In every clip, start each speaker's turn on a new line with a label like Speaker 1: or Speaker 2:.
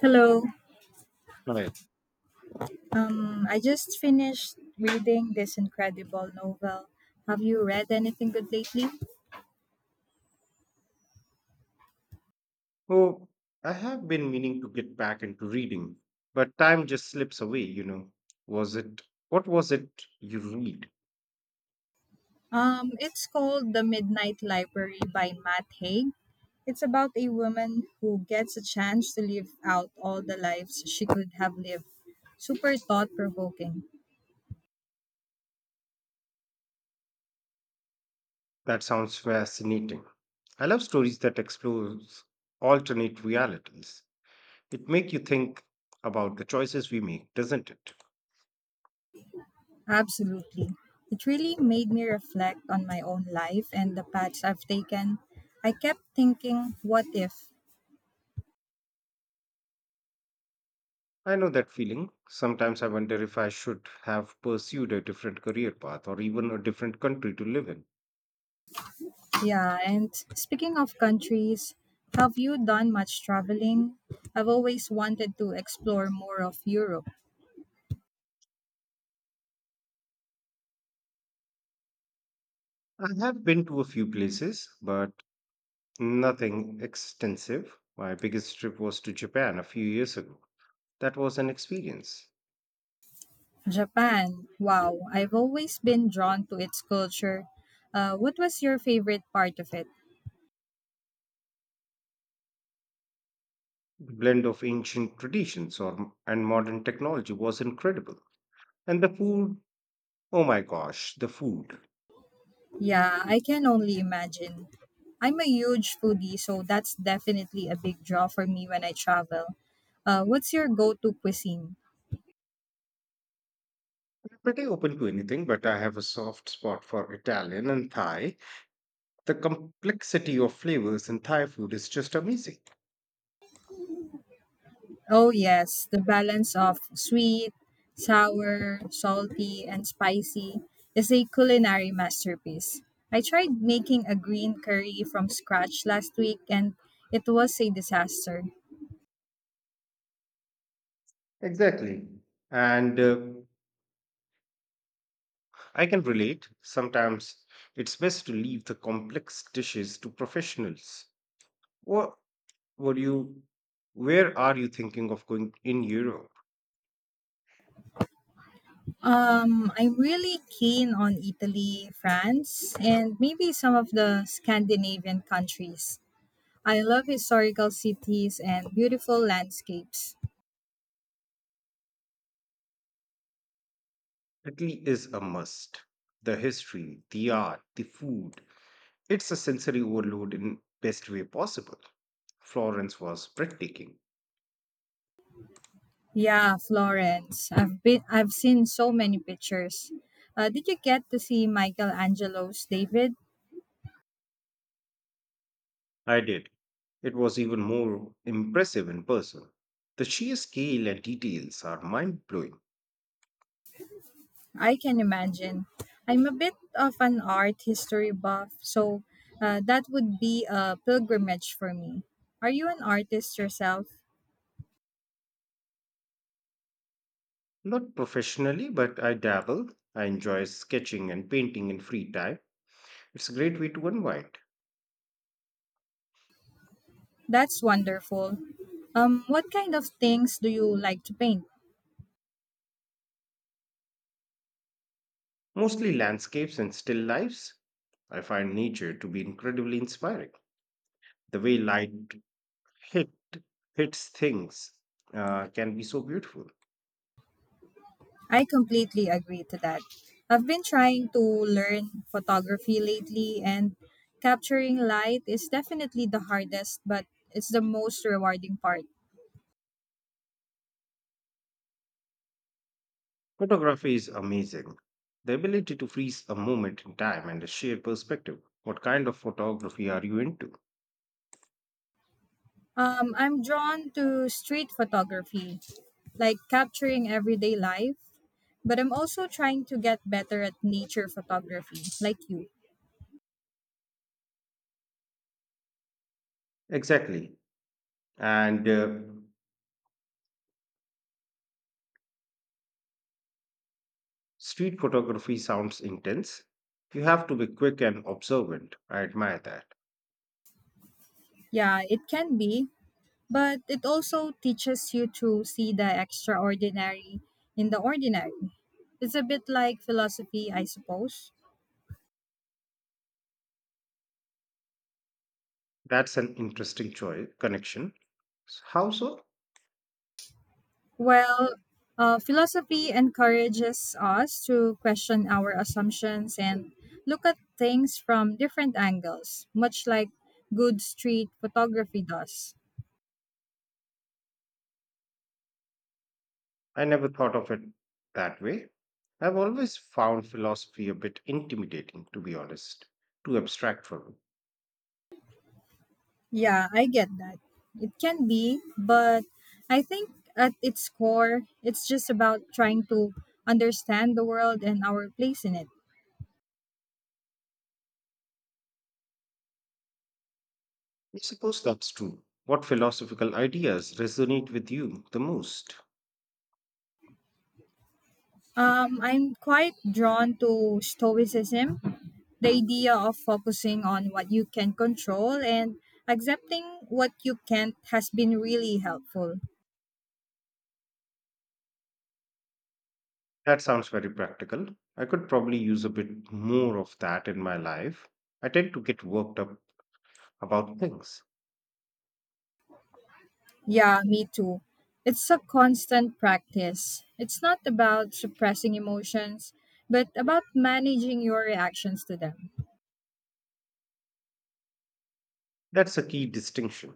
Speaker 1: Hello.
Speaker 2: Right.
Speaker 1: I just finished reading this incredible novel. Have you read anything good lately?
Speaker 2: Oh, I have been meaning to get back into reading, but time just slips away, you know. Was it, what was it you read?
Speaker 1: It's called The Midnight Library by Matt Haig. It's about a woman who gets a chance to live out all the lives she could have lived. Super thought provoking.
Speaker 2: That sounds fascinating. I love stories that explores alternate realities. It make you think about the choices we make, doesn't it?
Speaker 1: Absolutely. It really made me reflect on my own life and the paths I've taken. I kept thinking, what if?
Speaker 2: I know that feeling. Sometimes I wonder if I should have pursued a different career path or even a different country to live in.
Speaker 1: Yeah, and speaking of countries, have you done much traveling? I've always wanted to explore more of Europe.
Speaker 2: I have been to a few places, but nothing extensive. My biggest trip was to Japan a few years ago. That was an experience.
Speaker 1: Japan, wow, I've always been drawn to its culture. What was your favorite part of it?
Speaker 2: The blend of ancient traditions and modern technology was incredible. And the food, oh my gosh, the food.
Speaker 1: Yeah, I can only imagine. I'm a huge foodie, so that's definitely a big draw for me when I travel. What's your go to cuisine?
Speaker 2: I'm pretty open to anything, but I have a soft spot for Italian and Thai. The complexity of flavors in Thai food is just amazing.
Speaker 1: Oh, yes, the balance of sweet, sour, salty, and spicy is a culinary masterpiece. I tried making a green curry from scratch last week and it was a disaster.
Speaker 2: Exactly. And I can relate. Sometimes it's best to leave the complex dishes to professionals. What would you where are you thinking of going in Europe?
Speaker 1: I'm really keen on Italy, France, and maybe some of the Scandinavian countries. I love historical cities and beautiful landscapes.
Speaker 2: Italy is a must. The history, the art, the food. It's a sensory overload in best way possible. Florence was breathtaking.
Speaker 1: Yeah, Florence. I've seen so many pictures. Did you get to see Michelangelo's David?
Speaker 2: I did. It was even more impressive in person. The sheer scale and details are mind blowing.
Speaker 1: I can imagine. I'm a bit of an art history buff, so that would be a pilgrimage for me. Are you an artist yourself?
Speaker 2: Not professionally, but I dabble. I enjoy sketching and painting in free time. It's a great way to unwind,
Speaker 1: That's wonderful. What kind of things do you like to paint?
Speaker 2: mostly landscapes and still lifes. I find nature to be incredibly inspiring. The way hit, hits things, can be so beautiful.
Speaker 1: I completely agree to that. I've been trying to learn photography lately, and capturing light is definitely the hardest, but it's the most rewarding part.
Speaker 2: Photography is amazing. The ability to freeze a moment in time and a shared perspective. What kind of photography are you into?
Speaker 1: I'm drawn to street photography, like capturing everyday life, but I'm also trying to get better at nature photography, like you.
Speaker 2: Exactly. And street photography sounds intense. You have to be quick and observant. I admire that.
Speaker 1: Yeah, it can be, but it also teaches you to see the extraordinary in the ordinary. It's a bit like philosophy, I suppose.
Speaker 2: That's an interesting choice connection. How so?
Speaker 1: Well, philosophy encourages us to question our assumptions and look at things from different angles, much like good street photography does.
Speaker 2: I never thought of it that way. I've always found philosophy a bit intimidating, to be honest, too abstract for me.
Speaker 1: Yeah, I get that. It can be, but I think at its core, it's just about trying to understand the world and our place in it.
Speaker 2: I suppose that's true. What philosophical ideas resonate with you the most?
Speaker 1: I'm quite drawn to Stoicism, the idea of focusing on what you can control and accepting what you can't has been really helpful.
Speaker 2: That sounds very practical. I could probably use a bit more of that in my life. I tend to get worked up about things.
Speaker 1: Yeah, me too. It's a constant practice. It's not about suppressing emotions, but about managing your reactions to them.
Speaker 2: That's a key distinction.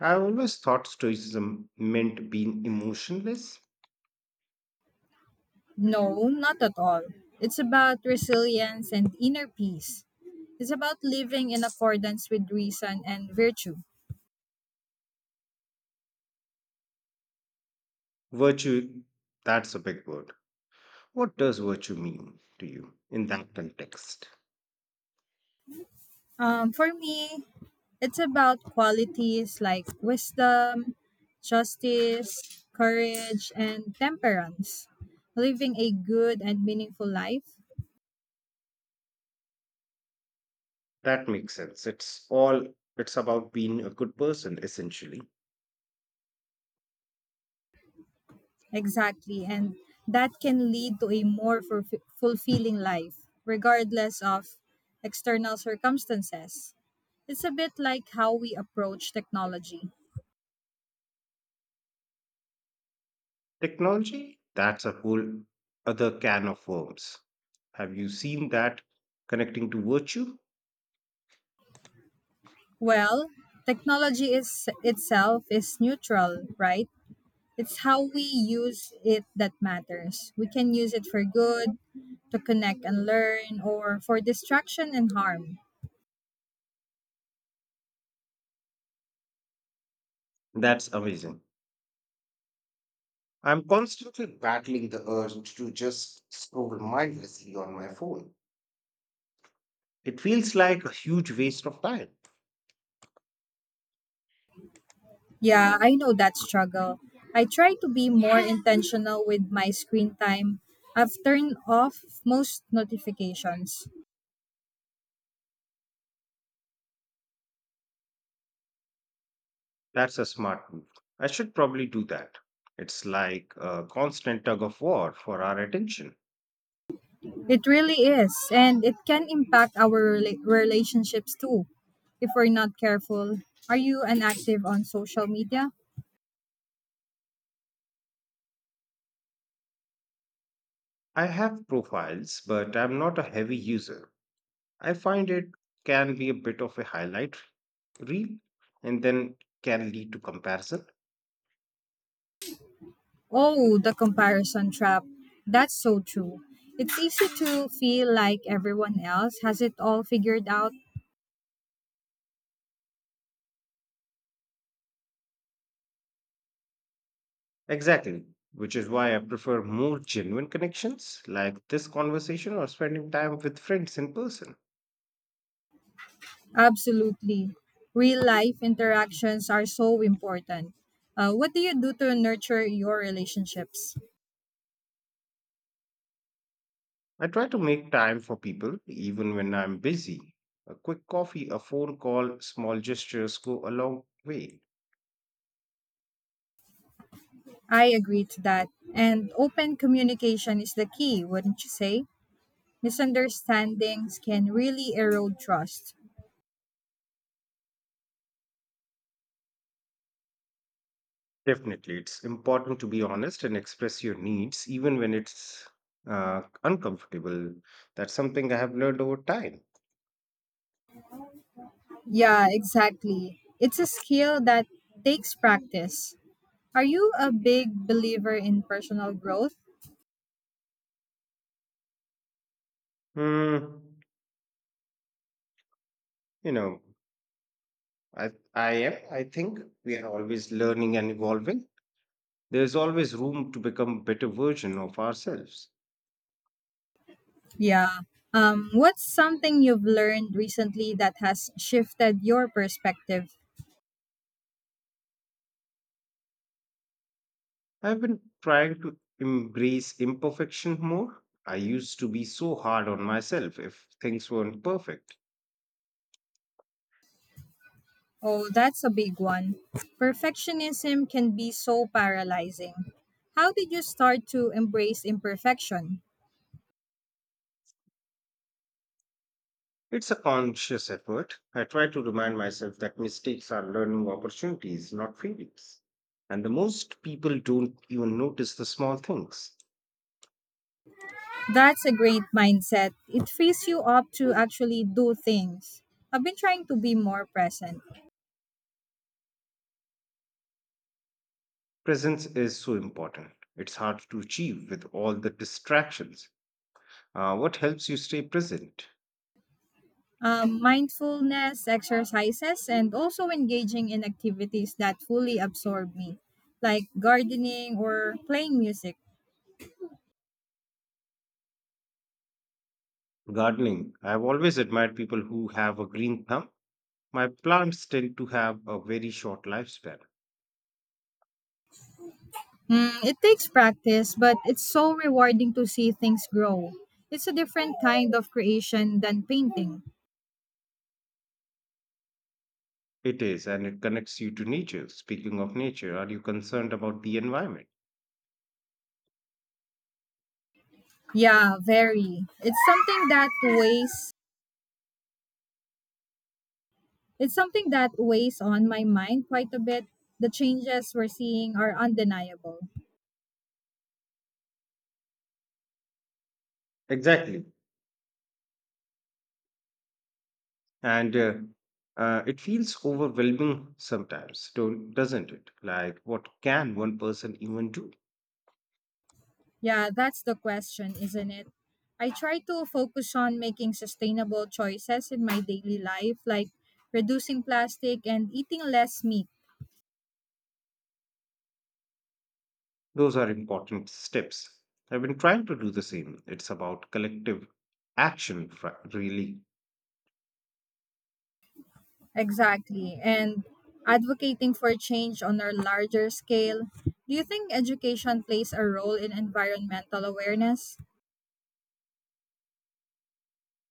Speaker 2: I always thought stoicism meant being emotionless.
Speaker 1: No, not at all. It's about resilience and inner peace. It's about living in accordance with reason and virtue.
Speaker 2: Virtue, that's a big word. What does virtue mean to you in that context?
Speaker 1: For me, it's about qualities like wisdom, justice, courage, and temperance. Living a good and meaningful life.
Speaker 2: That makes sense. It's about being a good person, essentially.
Speaker 1: Exactly. And that can lead to a more fulfilling life, regardless of external circumstances. It's a bit like how we approach technology.
Speaker 2: Technology, that's a whole other can of worms. Have you seen that connecting to virtue?
Speaker 1: Well, technology is itself is neutral, right? It's how we use it that matters. We can use it for good, to connect and learn, or for distraction and harm.
Speaker 2: That's amazing. I'm constantly battling the urge to just scroll mindlessly on my phone. It feels like a huge waste of time.
Speaker 1: Yeah, I know that struggle. I try to be more intentional with my screen time. I've turned off most notifications.
Speaker 2: That's a smart move. I should probably do that. It's like a constant tug of war for our attention.
Speaker 1: It really is, and it can impact our relationships too if we're not careful. Are you an active on social media?
Speaker 2: I have profiles, but I'm not a heavy user. I find it can be a bit of a highlight real and then can lead to comparison.
Speaker 1: Oh, the comparison trap. That's so true. It's easy to feel like everyone else has it all figured out.
Speaker 2: Exactly. Which is why I prefer more genuine connections like this conversation or spending time with friends in person.
Speaker 1: Absolutely. Real life interactions are so important. What do you do to nurture your relationships?
Speaker 2: I try to make time for people even when I'm busy. A quick coffee, a phone call, small gestures go a long way.
Speaker 1: I agree to that. And open communication is the key, wouldn't you say? Misunderstandings can really erode trust.
Speaker 2: Definitely, it's important to be honest and express your needs, even when it's uncomfortable. That's something I have learned over time.
Speaker 1: Yeah, exactly. It's a skill that takes practice. Are you a big believer in personal growth?
Speaker 2: Hmm, you know, I am. I think we are always learning and evolving. There's always room to become better version of ourselves.
Speaker 1: Yeah. What's something you've learned recently that has shifted your perspective?
Speaker 2: I've been trying to embrace imperfection more. I used to be so hard on myself if things weren't perfect.
Speaker 1: Oh, that's a big one. Perfectionism can be so paralyzing. How did you start to embrace imperfection?
Speaker 2: It's a conscious effort. I try to remind myself that mistakes are learning opportunities, not failures. And the most people don't even notice the small things.
Speaker 1: That's a great mindset. It frees you up to actually do things. I've been trying to be more present.
Speaker 2: Presence is so important. It's hard to achieve with all the distractions. What helps you stay present?
Speaker 1: Mindfulness exercises and also engaging in activities that fully absorb me, like gardening or playing music.
Speaker 2: Gardening. I've always admired people who have a green thumb. My plants tend to have a very short lifespan.
Speaker 1: Mm, it takes practice, but it's so rewarding to see things grow. It's a different kind of creation than painting.
Speaker 2: It is, and it connects you to nature. Speaking of nature, are you concerned about the environment?
Speaker 1: Yeah, very. It's something that weighs on my mind quite a bit. The changes we're seeing are undeniable.
Speaker 2: Exactly. And it feels overwhelming sometimes, don't, doesn't it? Like, what can one person even do?
Speaker 1: Yeah, that's the question, isn't it? I try to focus on making sustainable choices in my daily life, like reducing plastic and eating less meat.
Speaker 2: Those are important steps. I've been trying to do the same. It's about really.
Speaker 1: Exactly. And advocating for change on a larger scale. Do you think education plays a role in environmental awareness?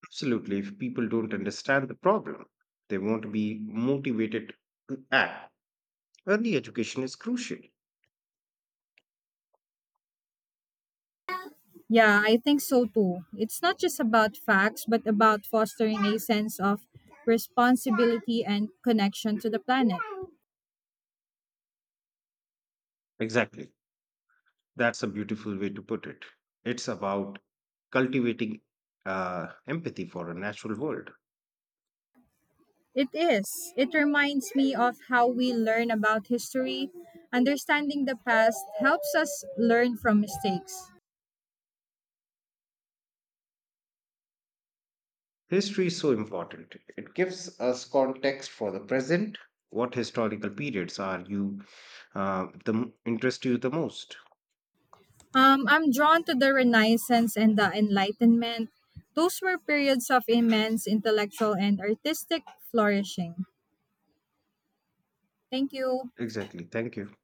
Speaker 2: Absolutely. If people don't understand the problem, they won't be motivated to act. Early education is crucial.
Speaker 1: Yeah, I think so too. It's not just about facts, but about fostering a sense of responsibility and connection to the planet.
Speaker 2: Exactly. That's a beautiful way to put it. It's about cultivating empathy for a natural world.
Speaker 1: It is. It reminds me of how we learn about history. Understanding the past helps us learn from mistakes.
Speaker 2: History is so important. It gives us context for the present. What historical periods are you the m- interest you the most?
Speaker 1: I'm drawn to the Renaissance and the Enlightenment. Those were periods of immense intellectual and artistic flourishing. Thank you.
Speaker 2: Exactly. Thank you.